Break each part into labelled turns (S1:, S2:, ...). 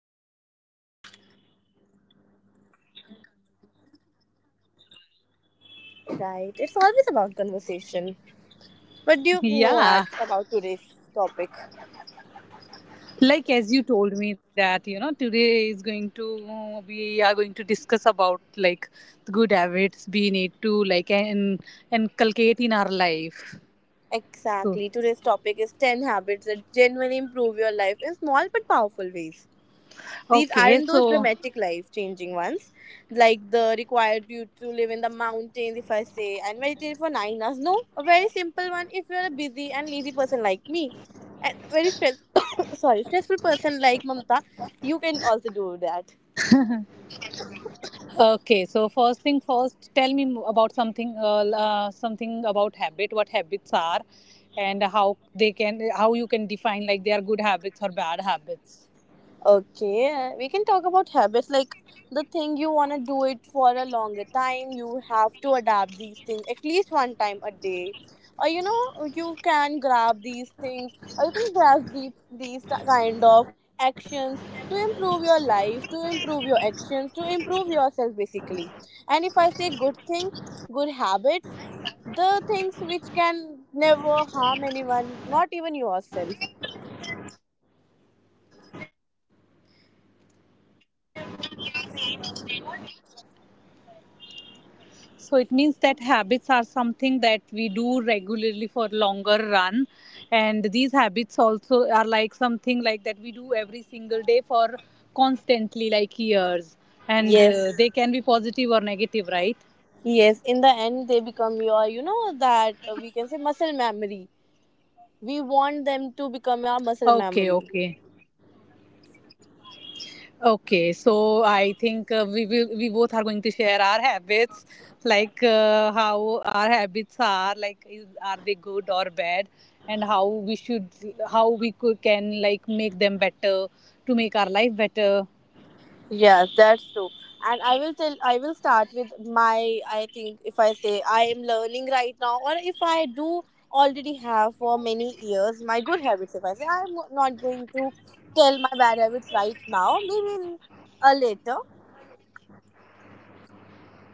S1: I think we are having conversation regarding habits, right?
S2: Right, it's always about conversation. What do you
S1: Yeah,
S2: know at, about today's topic?
S1: like as you told me that today is going to we are going to discuss about like the good habits we need to like and inculcate in our life. So
S2: Exactly, today's topic is 10 habits that genuinely improve your life in small but powerful ways. These
S1: okay,
S2: aren't those
S1: so
S2: dramatic life changing ones, like the required you to live in the mountains, if I say, and meditate for 9 hours. No, a very simple one if you're a busy and lazy person like me. And very stress sorry, stressful person like Mamta, you can also do that.
S1: Okay, so first thing first, tell me about something, something about habit. What habits are, and how you can define like they are good habits or bad habits.
S2: Okay, we can talk about habits like the thing you want to do it for a longer time. You have to adapt these things at least one time a day. Or you know, you can grab these things or you can grab these kind of actions to improve your life, to improve your actions, to improve yourself basically. And if I say good things, good habits, the things which can never harm anyone, not even yourself.
S1: Okay, true. So it means that habits are something that we do regularly for longer run, and these habits also are like something like that we do every single day for constantly like years, and they can be positive or
S2: Yes.
S1: negative, right?
S2: Yes, in the end, they become your, you know, that we can say muscle memory. We want them to
S1: Okay,
S2: become our muscle
S1: okay.
S2: memory.
S1: Okay, so I think we both are going to share our habits, like how our habits are, like are they good or bad, and how we could can like make them better to make our life better.
S2: Yes, that's true. And I will tell, I will start with my, I think if I say I am learning right now, or if I do already have for many years, my good habits, if I say I'm not going to tell my bad habits right now, maybe in, later.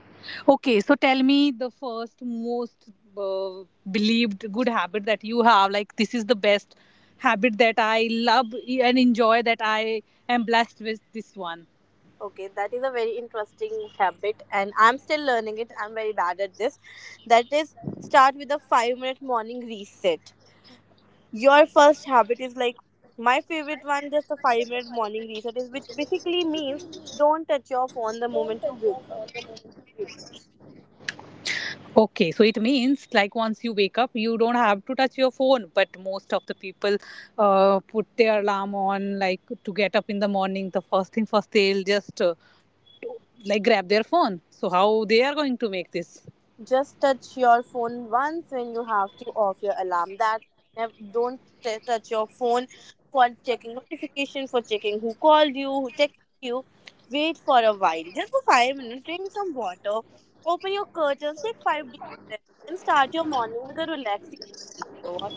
S1: Okay, so tell me the first most uh, believed good habit that you have. Like this is the best habit that I love and enjoy that I am blessed with this one.
S2: Okay, that is a very interesting habit, and I'm still learning it. I'm very bad at this. That is, start with a 5 minute morning reset. Your first habit is like my favorite one, just a 5 minute morning reset, is which basically means don't touch your phone the moment you wake up.
S1: Okay, so it means like once you wake up, you don't have to touch your phone. But most of the people put their alarm on, like to get up in the morning. The first thing first, they'll just like grab their phone. So how they are going to make this?
S2: Just touch your phone once when you have to off your alarm. That never, don't touch your phone for checking notification, for checking who called you, who texted you. Wait for a while, just for 5 minutes. Drink some water, open your curtains, take 5 deep breaths, and start your morning with a relaxing routine. You know what?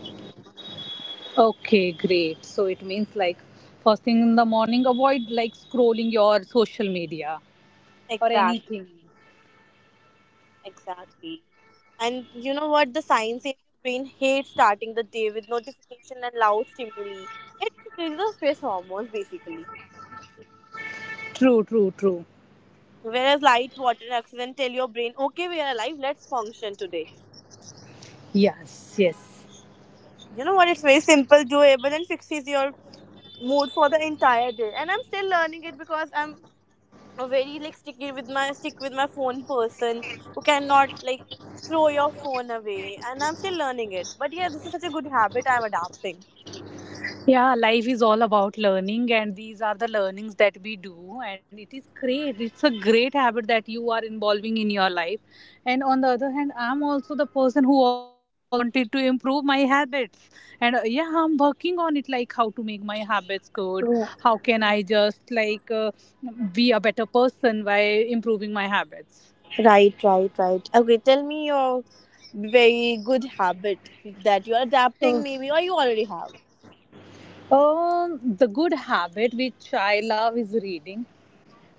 S1: Okay, great. So it means like first thing in the morning, avoid like scrolling your social media or
S2: Exactly,
S1: anything.
S2: exactly. And you know what? The science says your brain hates starting the day with notification and loud stimuli. It increases the stress hormones basically.
S1: True, true, true.
S2: Whereas light, water, and oxygen tell your brain, okay, we are alive, let's function today.
S1: Yes, yes.
S2: You know what? It's very simple, doable, and fixes your mood for the entire day. And I'm still learning it because I'm a very like stick with my phone person who cannot like throw your phone away. And I'm still learning it. But yeah, this is such a good habit I'm adapting.
S1: Yeah, life is all about learning, and these are the learnings that we do. And it is great, it's a great habit that you are involving in your life. And on the other hand, I'm also the person who also wanted to improve my habits. And yeah, I'm working on it like how to make my habits good, how can I just like be a better person by improving my habits.
S2: Right, right, right. Okay, tell me your very good habit that you're adapting,
S1: So,
S2: maybe, or you already have.
S1: the good habit which I love is reading.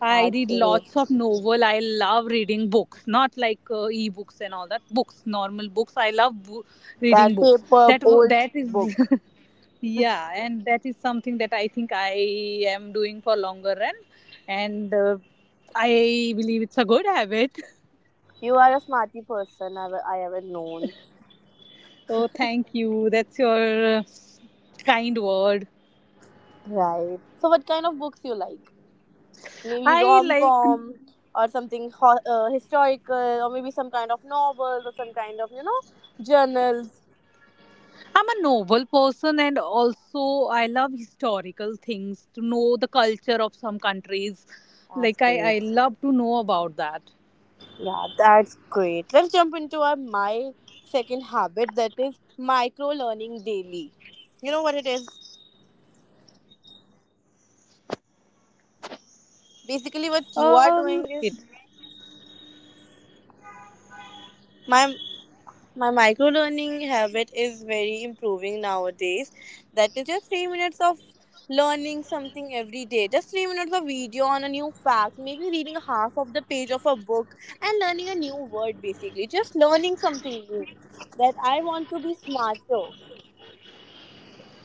S1: I
S2: That's
S1: read
S2: it.
S1: lots of novel. I love reading books, not like e-books and all that. Books, normal books. I love reading
S2: That
S1: books.
S2: paper
S1: That w-
S2: old
S1: that is,
S2: book.
S1: yeah, and that is something that I think I am doing for longer run, and I believe it's a good habit.
S2: You are a smarty person I ever known.
S1: So thank you. That's your kind word.
S2: Right. So, what kind of books you like? Maybe
S1: I
S2: rom
S1: like.
S2: com or something historical, or maybe some kind of novels or some kind of you know journals.
S1: I'm a novel person and also I love historical things to know the culture of some countries.
S2: That's
S1: Like
S2: great.
S1: I love to know about that.
S2: Yeah, that's great. Let's jump into our my second habit that is micro learning daily. You know what it is?
S1: I have no knowledge regarding this, but I would love to know
S2: Basically,
S1: more
S2: what you
S1: about
S2: are
S1: it.
S2: doing is my my micro learning habit is very improving nowadays, that is just 3 minutes of learning something every day, just 3 minutes of video on a new fact, maybe reading half of the page of a book and learning a new word, basically just learning something new. That I want to be smarter.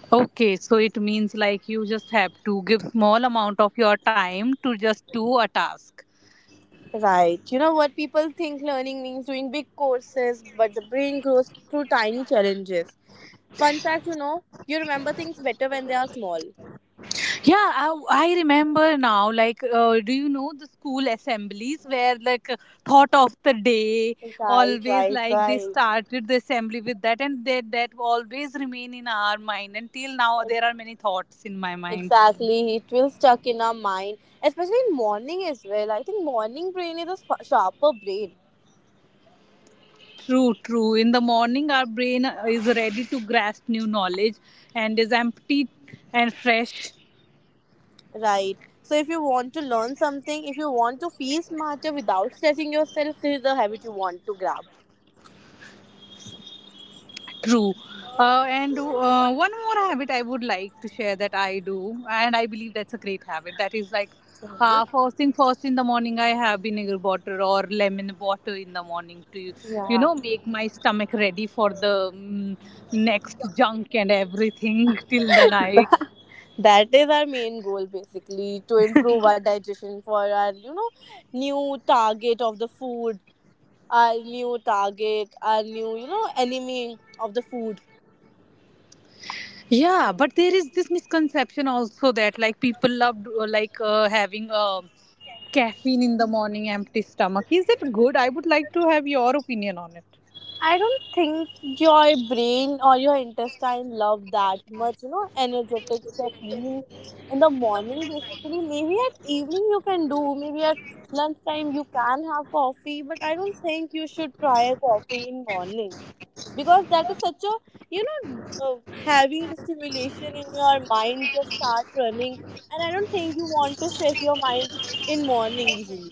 S1: Okay, so it means like you just have to give small amount of your time to just do a task.
S2: Right. You know what, people think learning means doing big courses, but the brain grows through tiny challenges. Fun fact, you know, you remember things better when they are small.
S1: Yeah, I remember now. Like, do you know the school assemblies where, like, thought of the day
S2: Right,
S1: always
S2: right,
S1: like they
S2: right.
S1: started the assembly with that, and that always remain in our mind until now. There are many thoughts in my mind.
S2: Exactly, it will stuck in our mind, especially in morning as well. I think morning brain is a sharper brain,
S1: True, true. In the morning, our brain is ready to grasp new knowledge and is empty and fresh.
S2: right? So if you want to learn something, if you want to feel smarter without stressing yourself, this is the habit you want to grab.
S1: True. And one more habit I would like to share that I do, and I believe that's a great habit. That is like
S2: Mhm.
S1: first thing first in the morning, I have vinegar water or lemon water in the morning to
S2: Yeah,
S1: make my stomach ready for the next junk and everything till the night.
S2: that is our main goal basically to improve our digestion for our, you know, new target of the food, our new target, our new you know enemy of the food.
S1: Yeah, but there is this misconception also that like people love like having caffeine in the morning, empty stomach. Is it good? I would like to have your opinion on it.
S2: I don't think your brain or your intestine love that much, you know, energetic caffeine in the morning basically. Maybe at evening you can do, maybe at lunchtime you can have coffee, but I don't think you should try a coffee in morning because that is such a you know uh, heavy stimulation in your mind, just start running, and I don't think you want to stress your mind in morning easily.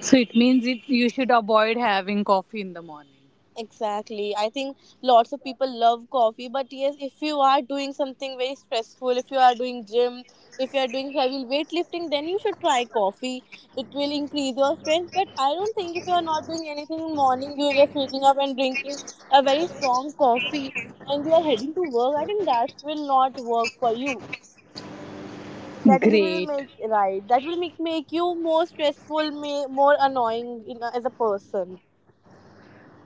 S1: So it means it you should avoid having coffee in the morning.
S2: Exactly. I think lots of people love coffee, but yes, if you are doing something very stressful, if you are doing gym, if you are doing heavy weightlifting, then you should try coffee. It will increase your strength. But I don't think if you are not doing anything in the morning, you are just waking up and drinking a very strong coffee and you are heading to work, I think that will not work for you. That will
S1: Great.
S2: make right. That will make make you more stressful, may, more annoying in, as a person.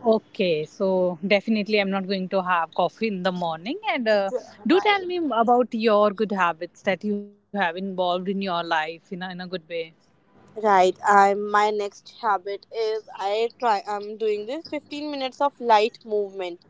S1: Okay, so definitely I'm not going to have coffee in the morning. And do
S2: Right.
S1: tell me about your good habits that you have involved in your life in a good way.
S2: Right. I'm My next habit is I try. I'm doing this 15 minutes of light movement.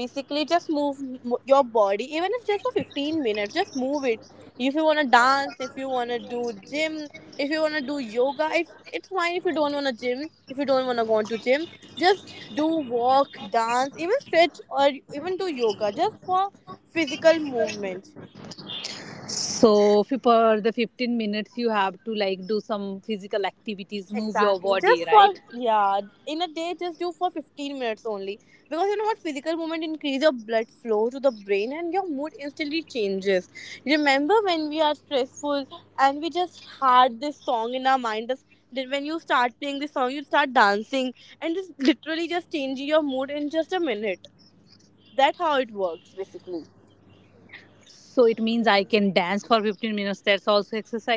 S2: Basically, just move your body, even if just for 15 minutes. Just move it. If you wanna dance, if you wanna do gym, if you wanna do yoga, if it's fine. If you don't wanna gym, if you don't wanna go to gym, just do walk, dance, even stretch, or even do yoga, just for physical movement.
S1: So for the 15 minutes, you have to like do some physical activities, move your
S2: Exactly. Just
S1: body,
S2: for
S1: right?
S2: yeah, in a day, just do for 15 minutes only. Because you know what, physical movement increase your blood flow to the brain, and your mood instantly changes. Remember when we are stressful and we just had this song in our mind. This, that when you start playing this song, you start dancing and just literally just change your mood in just a minute. That's how it works, basically.
S1: So it means I can dance for 15 minutes. That's also exercise.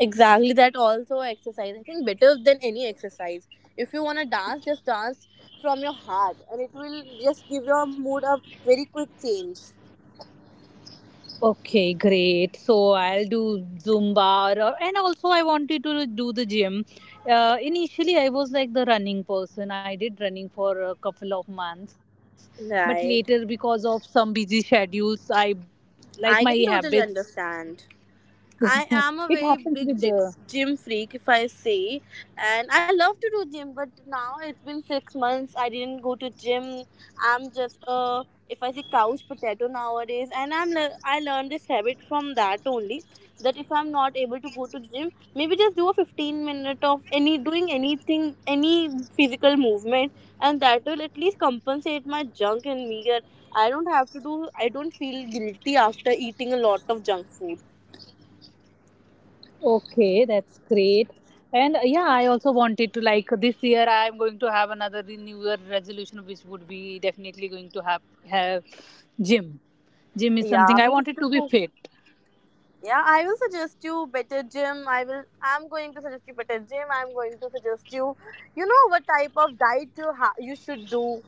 S2: Exactly, that also exercise. I think better than any exercise. If you wanna dance, just dance from your heart, and it will just give your mood a very quick change.
S1: Okay, great. So I'll do Zumba, and also I wanted to do the gym. Initially, I was like the running person. I did running for a couple of months, but later,
S2: Right.
S1: because of some busy schedules, I like my
S2: I can totally
S1: habits.
S2: understand. I am
S1: It
S2: a very
S1: happens with
S2: big
S1: the.
S2: gym freak, if I say, and I love to do gym. But now it's been 6 months. I didn't go to gym. I'm just a if I say couch potato nowadays, and I learned this habit from that only. That if I'm not able to go to gym, maybe just do a 15 minute of any doing anything, any physical movement, and that will at least compensate my junk and me, that I don't have to do. I don't feel guilty after eating a lot of junk food.
S1: Okay, that's great. And yeah, I also wanted to like this year I'm going to have another new year resolution which would be definitely going to have gym. Gym is something
S2: Yeah,
S1: I
S2: me
S1: wanted to be
S2: too.
S1: fit.
S2: Yeah, I will suggest you better gym. I will. I'm going to suggest you better gym. I'm going to suggest you. You know what type of diet you you should do.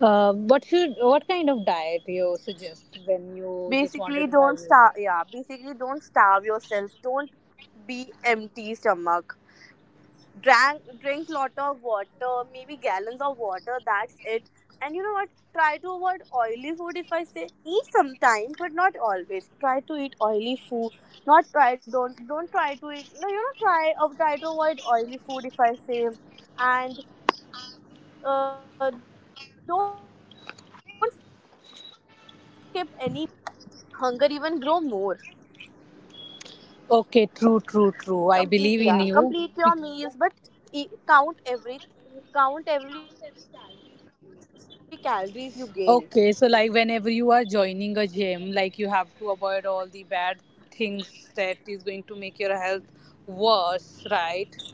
S1: What kind of diet you suggest when you just
S2: Basically,
S1: wanted to
S2: don't
S1: have
S2: starve.
S1: yoga?
S2: Yeah, basically don't starve yourself. Don't be empty stomach. Drank Drink lot of water, maybe gallons of water, that's it. And you know what, try to avoid oily food, if I say eat sometimes but not always, try to eat oily food, not try don't try to eat, no, you know, try, try to avoid oily food, if I say. And don't skip any meal. If you start skipping your meal na, it eventually make that hunger even grow more.
S1: Okay, true, true, true. I believe in
S2: Complete your
S1: you.
S2: meals, but e- count every count every calories you gain.
S1: Okay, so like whenever you are joining a gym, like you have to avoid all the bad things that is going to make your health worse, right?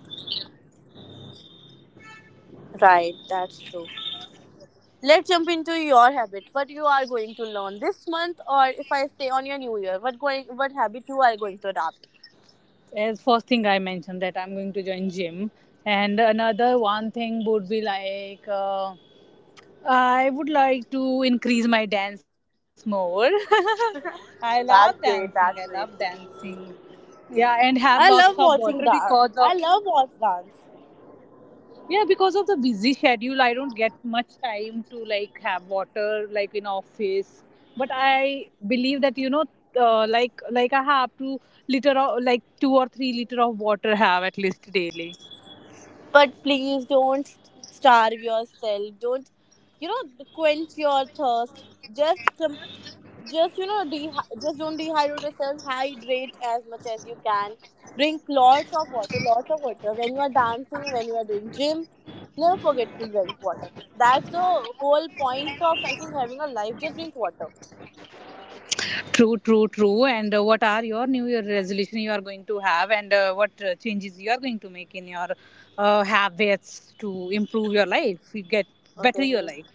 S2: Right, that's true. Let's jump into your habit, what you are going to learn this month, or if I say on your new year, what habit you are going to adopt.
S1: As first thing I mentioned that I'm going to join gym, and another one thing would be like I would like to increase my dance more. I love
S2: Great,
S1: dancing.
S2: that's
S1: I
S2: great.
S1: love dancing. Yeah, and have
S2: I love
S1: lots of
S2: watching
S1: water
S2: dance,
S1: because
S2: i
S1: of.
S2: love watch dance
S1: Yeah, because of the busy schedule, I don't get much time to like have water like in office. But I believe that like I have to liter of like 2 or 3 liter of water have at least daily.
S2: But please don't starve yourself, don't, you know, quench your thirst, just just, you know, just don't dehydrate yourself, hydrate as much as you can. Drink lots of water, lots of water. When you are dancing, when you are doing gym, never forget to drink water. That's the whole point of, I think, having a life, just drink water.
S1: True, true, true. And what are your New Year resolution you are going to have, and what changes you are going to make in your habits to improve your life, you get better
S2: Okay.
S1: your life.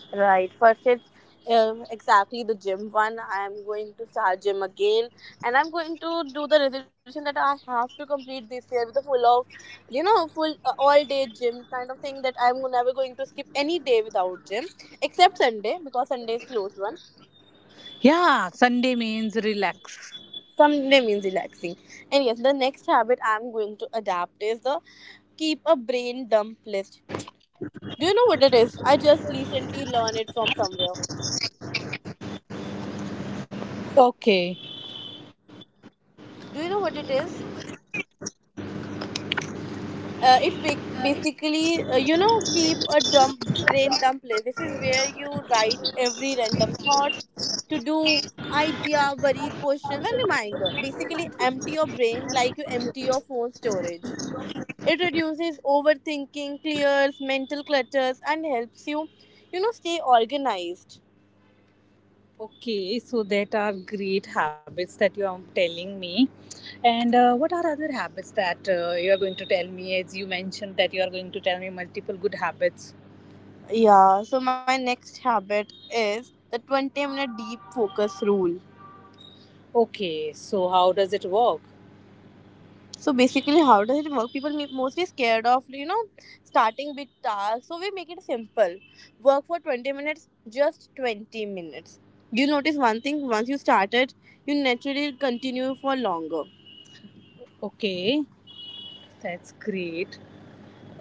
S2: Right. First, it's exactly the gym one. I'm going to start gym again, and I'm going to do the resolution that I have to complete this year with a full of, you know, full all day gym kind of thing. That I'm never going to skip any day without gym except Sunday, because Sunday is closed one.
S1: Yeah, Sunday means relax.
S2: Sunday means relaxing. And yes, the next habit I'm going to adapt is the keep a brain dump list. Do you know what it is? I just recently learned it from somewhere.
S1: Okay,
S2: Do you know what it is? It basically, keep a dump brain dump place. This is where you write every random thoughts, to do, idea, worry, questions, and reminder. Basically empty your brain like you empty your phone storage. It reduces overthinking, clears mental clutters, and helps you you know stay organized. Okay, so that are great habits that you are telling me. And what are other habits that you are going to tell me? As you mentioned that you are going to tell me multiple good habits. Yeah, so my next habit is the 20-minute deep focus rule. Okay, so how does it work? So basically, how does it work? People make mostly scared of starting big tasks. So we make it simple. Work for 20 minutes, just 20 minutes. You notice one thing: once you started, you naturally continue for longer. Okay, that's great.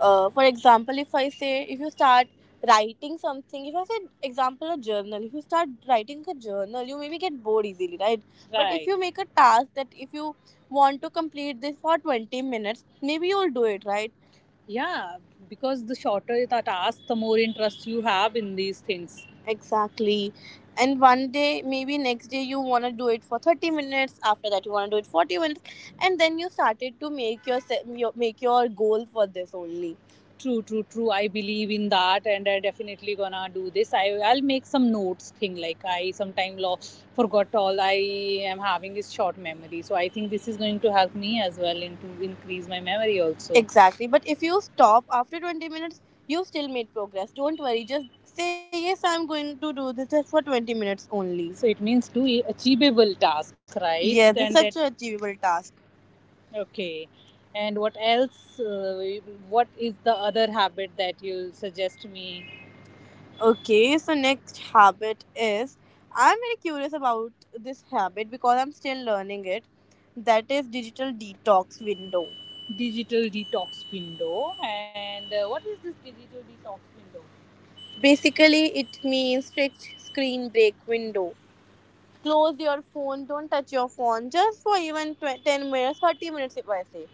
S2: For example, if I say, if you start writing something, if I said example a journal, if you start writing a journal, you maybe get bored easily, right? But if... Right. You make a task that if you want to complete this for 20 minutes, maybe you'll do it, right? Yeah, because the shorter the task, the more interest you have in these things. Exactly. And one day, maybe next day, you want to do it for 30 minutes. After that, you want to do it 40 minutes, and then you started to make make your goal for this only. True, true, true. I believe in that, and I definitely gonna do this. I'll make some notes thing. Like, I sometime forgot all. I am having is short memory, so I think this is going to help me as well in to increase my memory also. Exactly. But if you stop after 20 minutes, you still made progress. Don't worry. Just say, yes, I'm going to do this just for 20 minutes only. So it means do achievable task, right? Yes, it's... And that such an achievable task. Okay. And what else? What is the other habit that you'll suggest me? Okay, so next habit is I'm very curious about this habit because I'm still learning it. That is digital detox window. Digital detox window. And what is this digital detox window? Basically, it means strict screen break window. Close your phone. Don't touch your phone just for even 20, 10 minutes, 30 minutes if I say.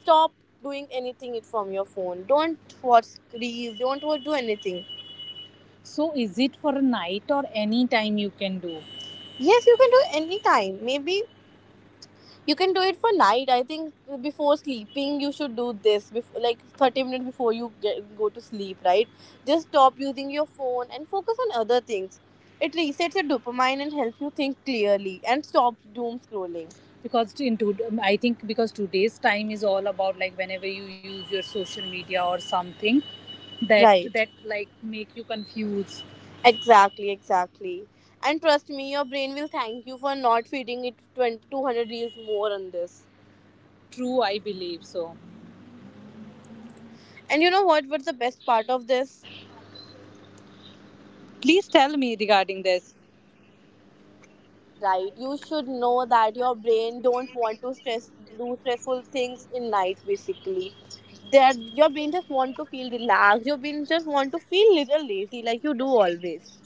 S2: Stop doing anything it from your phone. Don't watch reels. Don't wa- do anything. So, is it for a night or any time you can do? Yes, you can do any time. Maybe you can do it for night. I think before sleeping, you should do this, before, like 30 minutes before you go to sleep, right? Just stop using your phone and focus on other things. It resets your dopamine and helps you think clearly and stops doom scrolling. Because to include, I think because today's time is all about, like, whenever you use your social media or something, that Right. That like make you confused. Exactly, exactly. And trust me, your brain will thank you for not feeding it 20, two hundred 200 reels more on this. True, I believe so. And you know what? What's the best part of this?
S1: please tell me regarding this.
S2: Right, you should know that your brain don't want to stress do stressful things in night. Basically, that your brain just want to feel relaxed. Your brain just want to feel little lazy, like you do always.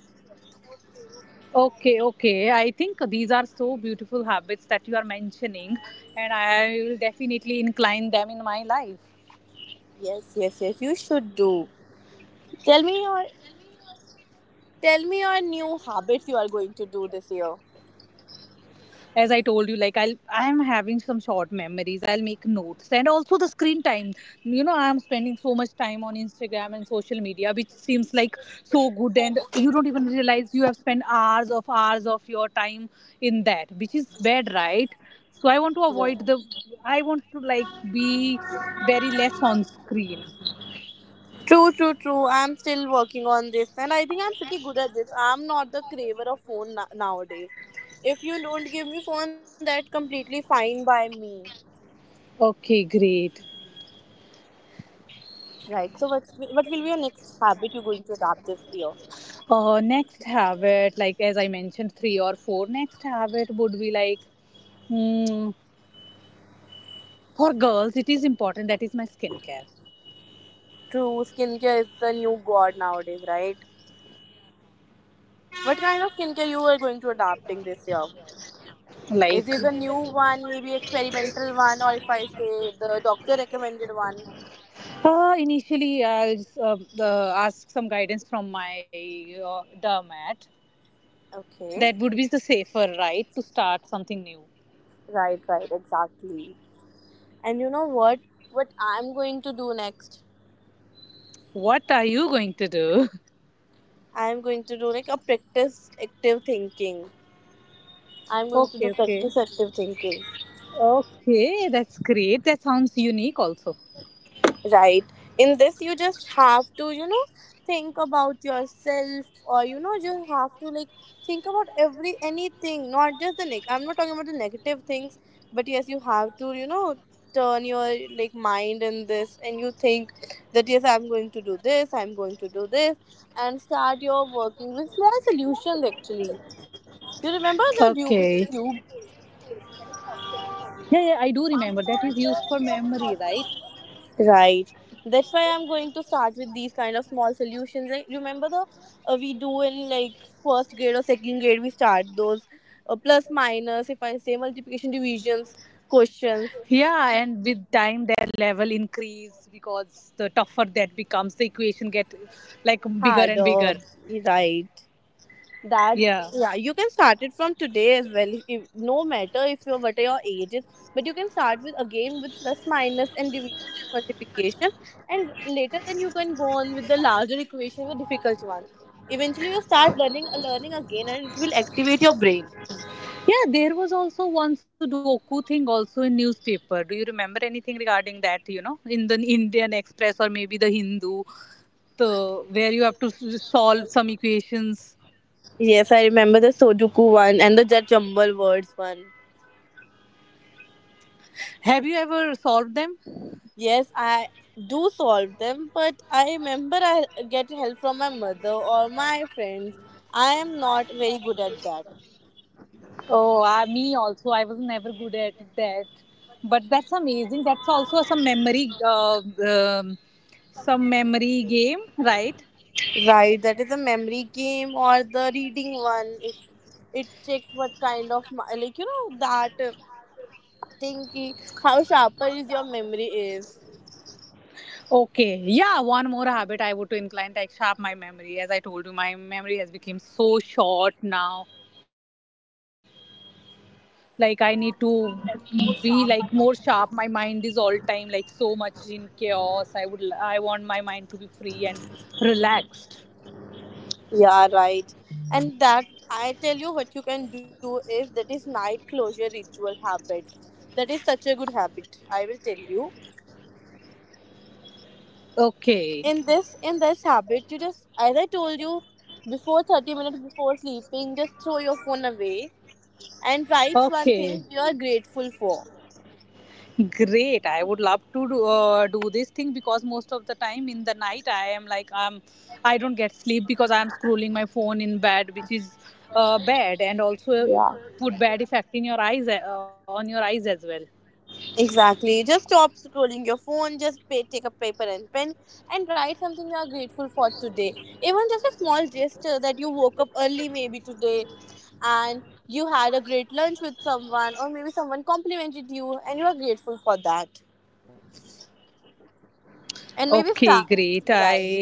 S1: Okay, okay. I think these are so beautiful you are mentioning, and I will definitely incline them in my life.
S2: Yes, yes, yes. You should do. Tell me your Tell me your new habits you are going to do this year.
S1: As I told you, like, I'm having some short memories. I'll make notes, and also the screen time. I'm spending so much time on Instagram and social media, which seems like so good, and you don't even realize you have spent hours of your time in that, which is bad, right? so i want to
S2: True,
S1: avoid the i want to like be very less on screen.
S2: true, true. I'm still working on this, and I think I'm pretty good at this. I'm not the craver of phone nowadays. If you don't give me phone, that's completely fine by me.
S1: Okay, great.
S2: Right. So, what will be your next habit you're going to adopt this year?
S1: Next habit, like as I mentioned, three or four next habit would be like, hmm, for girls it is important. That is my skincare.
S2: True, skincare is the new god nowadays, right? What kind of skincare you are going to adopting this year?
S1: Like
S2: Is it a new one, maybe experimental one, or if I say the doctor recommended one?
S1: initially, I'll uh, ask some guidance from my dermat.
S2: Okay.
S1: That would be the safer, right, to start something new.
S2: Right, right, exactly. And you know what? What I'm going to do next?
S1: What are you going to do?
S2: I'm going to do like a practice active thinking. I'm going to do
S1: Okay, okay,
S2: practice active thinking.
S1: okay. That's great. That sounds unique also.
S2: Right. In this, you just have to, you know, think about yourself, or, you know, just have to, like, think about every anything, not just the neg. I'm not talking about the negative things, but yes, you have to, you know, turn your like mind in this and you think that yes, I'm going to do this, I'm going to do this, and start your working with small solutions actually. You remember the Rubik's
S1: Okay,
S2: Cube?
S1: yeah, yeah, I do remember that is used for memory, right?
S2: Right. That's why I'm going to start with these kind of small solutions. Like, remember the we do in like first grade or second grade we start those plus minus. If I say multiplication divisions questions
S1: Yeah, and with time their level increase because the tougher that becomes, the equation get like bigger and
S2: harder.
S1: bigger.
S2: Right. That, yeah,
S1: Yeah.
S2: you can start it from today as well, no matter if you're what your age is, but you can start with again with plus minus and division multiplication, and later then you can go on with the larger equation, the difficult one. Eventually you start learning again, and it will activate your brain.
S1: Yeah, there was also one Sudoku thing also in newspaper. Do you remember anything regarding that, in the Indian Express or maybe the Hindu, the where you have to solve some equations.
S2: Yes, I remember the sudoku one and the jet jumble words one.
S1: Have you ever solved them?
S2: Yes, I do solve them, but I remember I get help from my mother or my friends. I am not very good at that.
S1: Oh, me also. I was never good at that. That's amazing. That's also some memory. Um, some memory game, right?
S2: Right, that is a memory game or the reading one. It checks what kind of like you know that thing ki, how sharper is your memory is.
S1: Okay, yeah, one more habit I would to incline like sharp my memory. As I told you, my memory has become so short now. Like I need to be like more sharp. My mind is all time like so much in chaos. I want my mind to be free and relaxed.
S2: Yeah, right. And that I tell you what you can do is that is night closure ritual habit. That is such a good habit. I will tell you.
S1: Okay,
S2: In this habit, you just as I told you before, 30 minutes before sleeping, just throw your phone away and write one
S1: okay.
S2: thing you are grateful for.
S1: Great. I would love to do this thing because most of the time in the night I am like I don't get sleep because I scrolling my phone in bed which is bad and also put bad effect in your eyes on your eyes as well.
S2: Exactly. Just stop scrolling your phone. Just take a paper and pen and write something you are grateful for today. Even just a small gesture that you woke up early, maybe today, and you had a great lunch with someone, or maybe someone complimented you and you are grateful for that.
S1: Okay, great.
S2: And
S1: I
S2: maybe
S1: this
S2: start.
S1: is something that
S2: Right.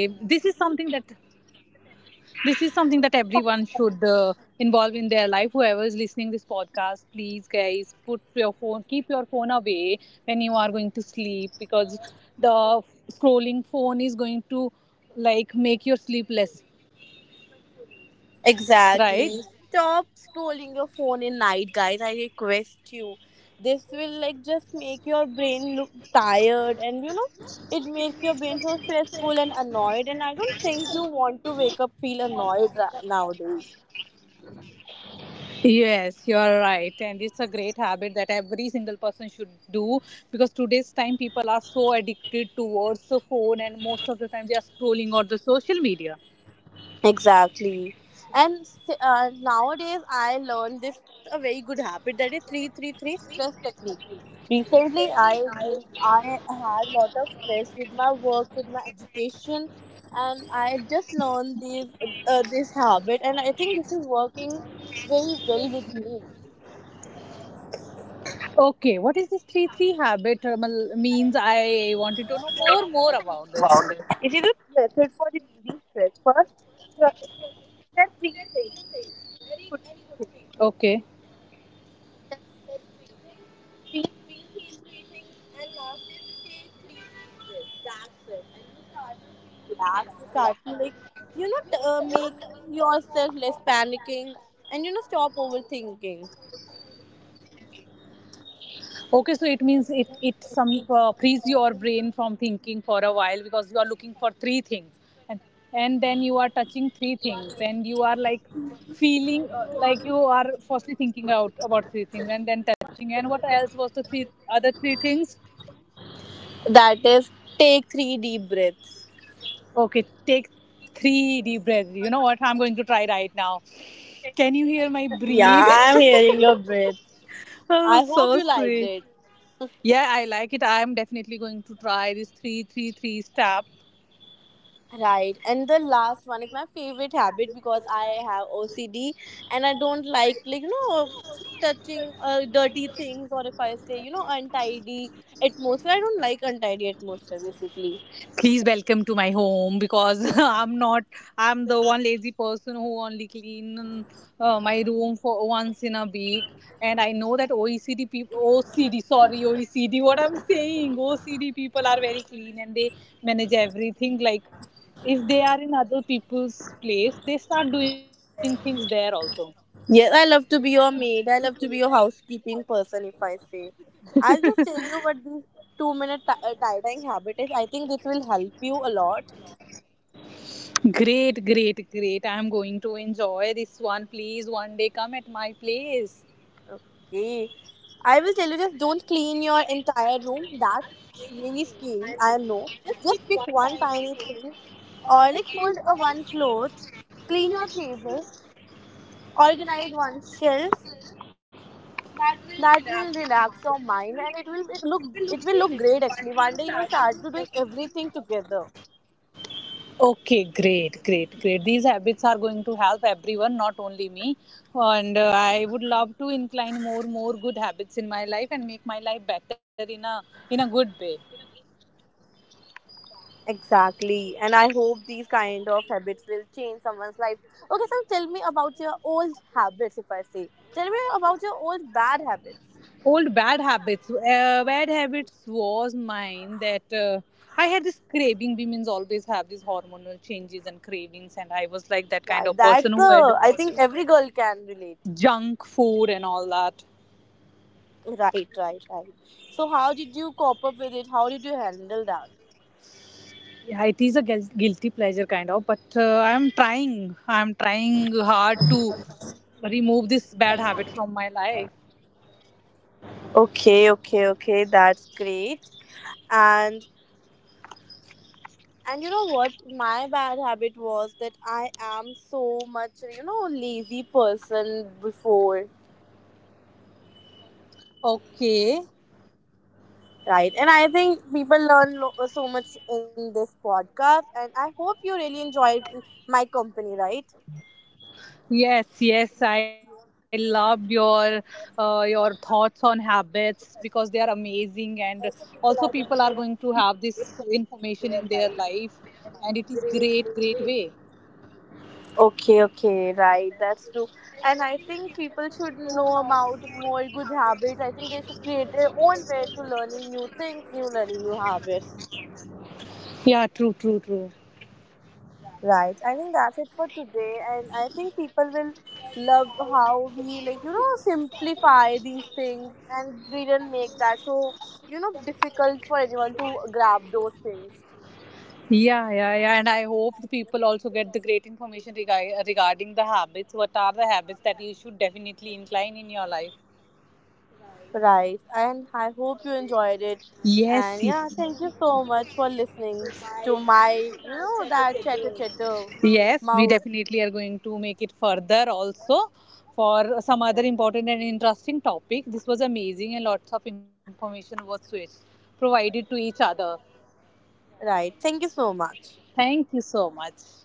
S1: this is something that everyone should involve in their life. Whoever is listening this podcast, please guys, put your phone keep your phone away when you are going to sleep, because the scrolling phone is going to like make your sleep less,
S2: Exactly.
S1: right?
S2: Stop scrolling your phone in night, guys. I request you. This will like just make your brain look tired, and it makes your brain so stressful and annoyed, and I don't think you want to wake up feel annoyed nowadays.
S1: Yes, you are right, and it's a great habit that every single person should do, because today's time people are so addicted towards the phone and most of the time they are scrolling on the social media.
S2: Exactly. And nowadays, I learned this a very good habit that is three three three stress technique. Recently, I had a lot of stress with my work, with my education, and I just learned this habit, and I think this is working very well with me.
S1: Okay, what is this 3 3 habit means? I wanted to know more about this.
S2: It is a method for relieving stress. First, tr- set three things. Good three things.
S1: Okay.
S2: Relax. You start to like make yourself less panicking, and stop overthinking.
S1: Okay, so it means it some frees your brain from thinking for a while because you are looking for and and then you are touching three things and you are like feeling like you are firstly thinking out about three things and then touching and what else was the three other three things?
S2: That is, take three deep breaths.
S1: Okay, take three deep breaths. You know what? I'm going to try right now. Can you hear my.
S2: Yeah, I'm hearing your breath.
S1: Oh,
S2: I hope
S1: so
S2: you liked
S1: sweet.
S2: it.
S1: Yeah, I like it. I am definitely going to try this three three three step.
S2: Right, and the last one is my favorite habit because I have OCD, and I don't like, touching dirty things, or if I say, untidy atmosphere. I don't like untidy atmosphere basically.
S1: Please welcome to my home because I'm not. I'm the one lazy person who only clean my room for once in a week. And I know that OECD people, OCD, sorry, OECD. What I'm saying, OCD people are very clean and they manage everything. Like if they are in other people's place, they start doing things there also.
S2: Yes, I love to be your maid. I love to be your housekeeping person, if I say. I'll just tell you what these 2 minute tie dyeing habit is. I think this will help you a lot.
S1: Great, great, great. I'm going to enjoy this one. Please, one day come at my place.
S2: Okay. I will tell you just don't clean your entire room. That's really scary. I know. Just pick one tiny thing, or like fold a one cloth, clean your table, organize one shelf, that will relax your mind, and it will look great. Actually one day you start to doing everything together.
S1: Okay, great, great, great. These habits are going to help everyone, not only me. And I would love to incline more good habits in my life and make my life better in a good way.
S2: Exactly, and I hope these kind of habits will change someone's life. Okay, so tell me about your old habits, if I say, tell me about your old bad habits.
S1: Old bad habits. Bad habits was mine that I had this craving. Women's always have these hormonal changes and cravings, and I was like that kind
S2: Right,
S1: of
S2: that
S1: person who had
S2: I think every girl can relate.
S1: junk food and all that.
S2: Right, right, right. So how did you cope up with it? How did you handle that?
S1: Yeah, it is a guilty pleasure kind of, but I'm trying. I'm trying hard to remove this bad habit from my life.
S2: Okay, okay, okay. That's great. And and you know what? My bad habit was that I am so much, lazy person before,
S1: Okay.
S2: right? And I think people learn so much in this podcast, and I hope you really enjoyed my company, right?
S1: Yes, yes, I loved your thoughts on habits because they are amazing, and also people
S2: Also,
S1: are
S2: people
S1: going
S2: are
S1: to
S2: going
S1: have
S2: to
S1: this
S2: have great
S1: information in their
S2: connections in their
S1: life,
S2: life.
S1: and it is great,
S2: Great,
S1: great way.
S2: great, great. Okay, okay, right, that's true. And I think people should know about more good habits. I think they should create their own way to learning new things, new learning new habits.
S1: Yeah, true, true, true.
S2: Right. I think that's it for today, and I think people will love how we like simplify these things and didn't make that so difficult for anyone to grab those things.
S1: Yeah, yeah, yeah. And I hope the people also get the great information regarding the habits. What are the habits that you should definitely incline in your life?
S2: Right. And I hope you enjoyed it.
S1: Yes,
S2: And yeah, thank you so much for listening to my that chatter
S1: yes, we
S2: mouth.
S1: definitely are going to make it further also for some other
S2: Yeah.
S1: important and interesting topic. This was amazing and lots of information was provided to each other.
S2: Right thank you so much
S1: Thank you so much.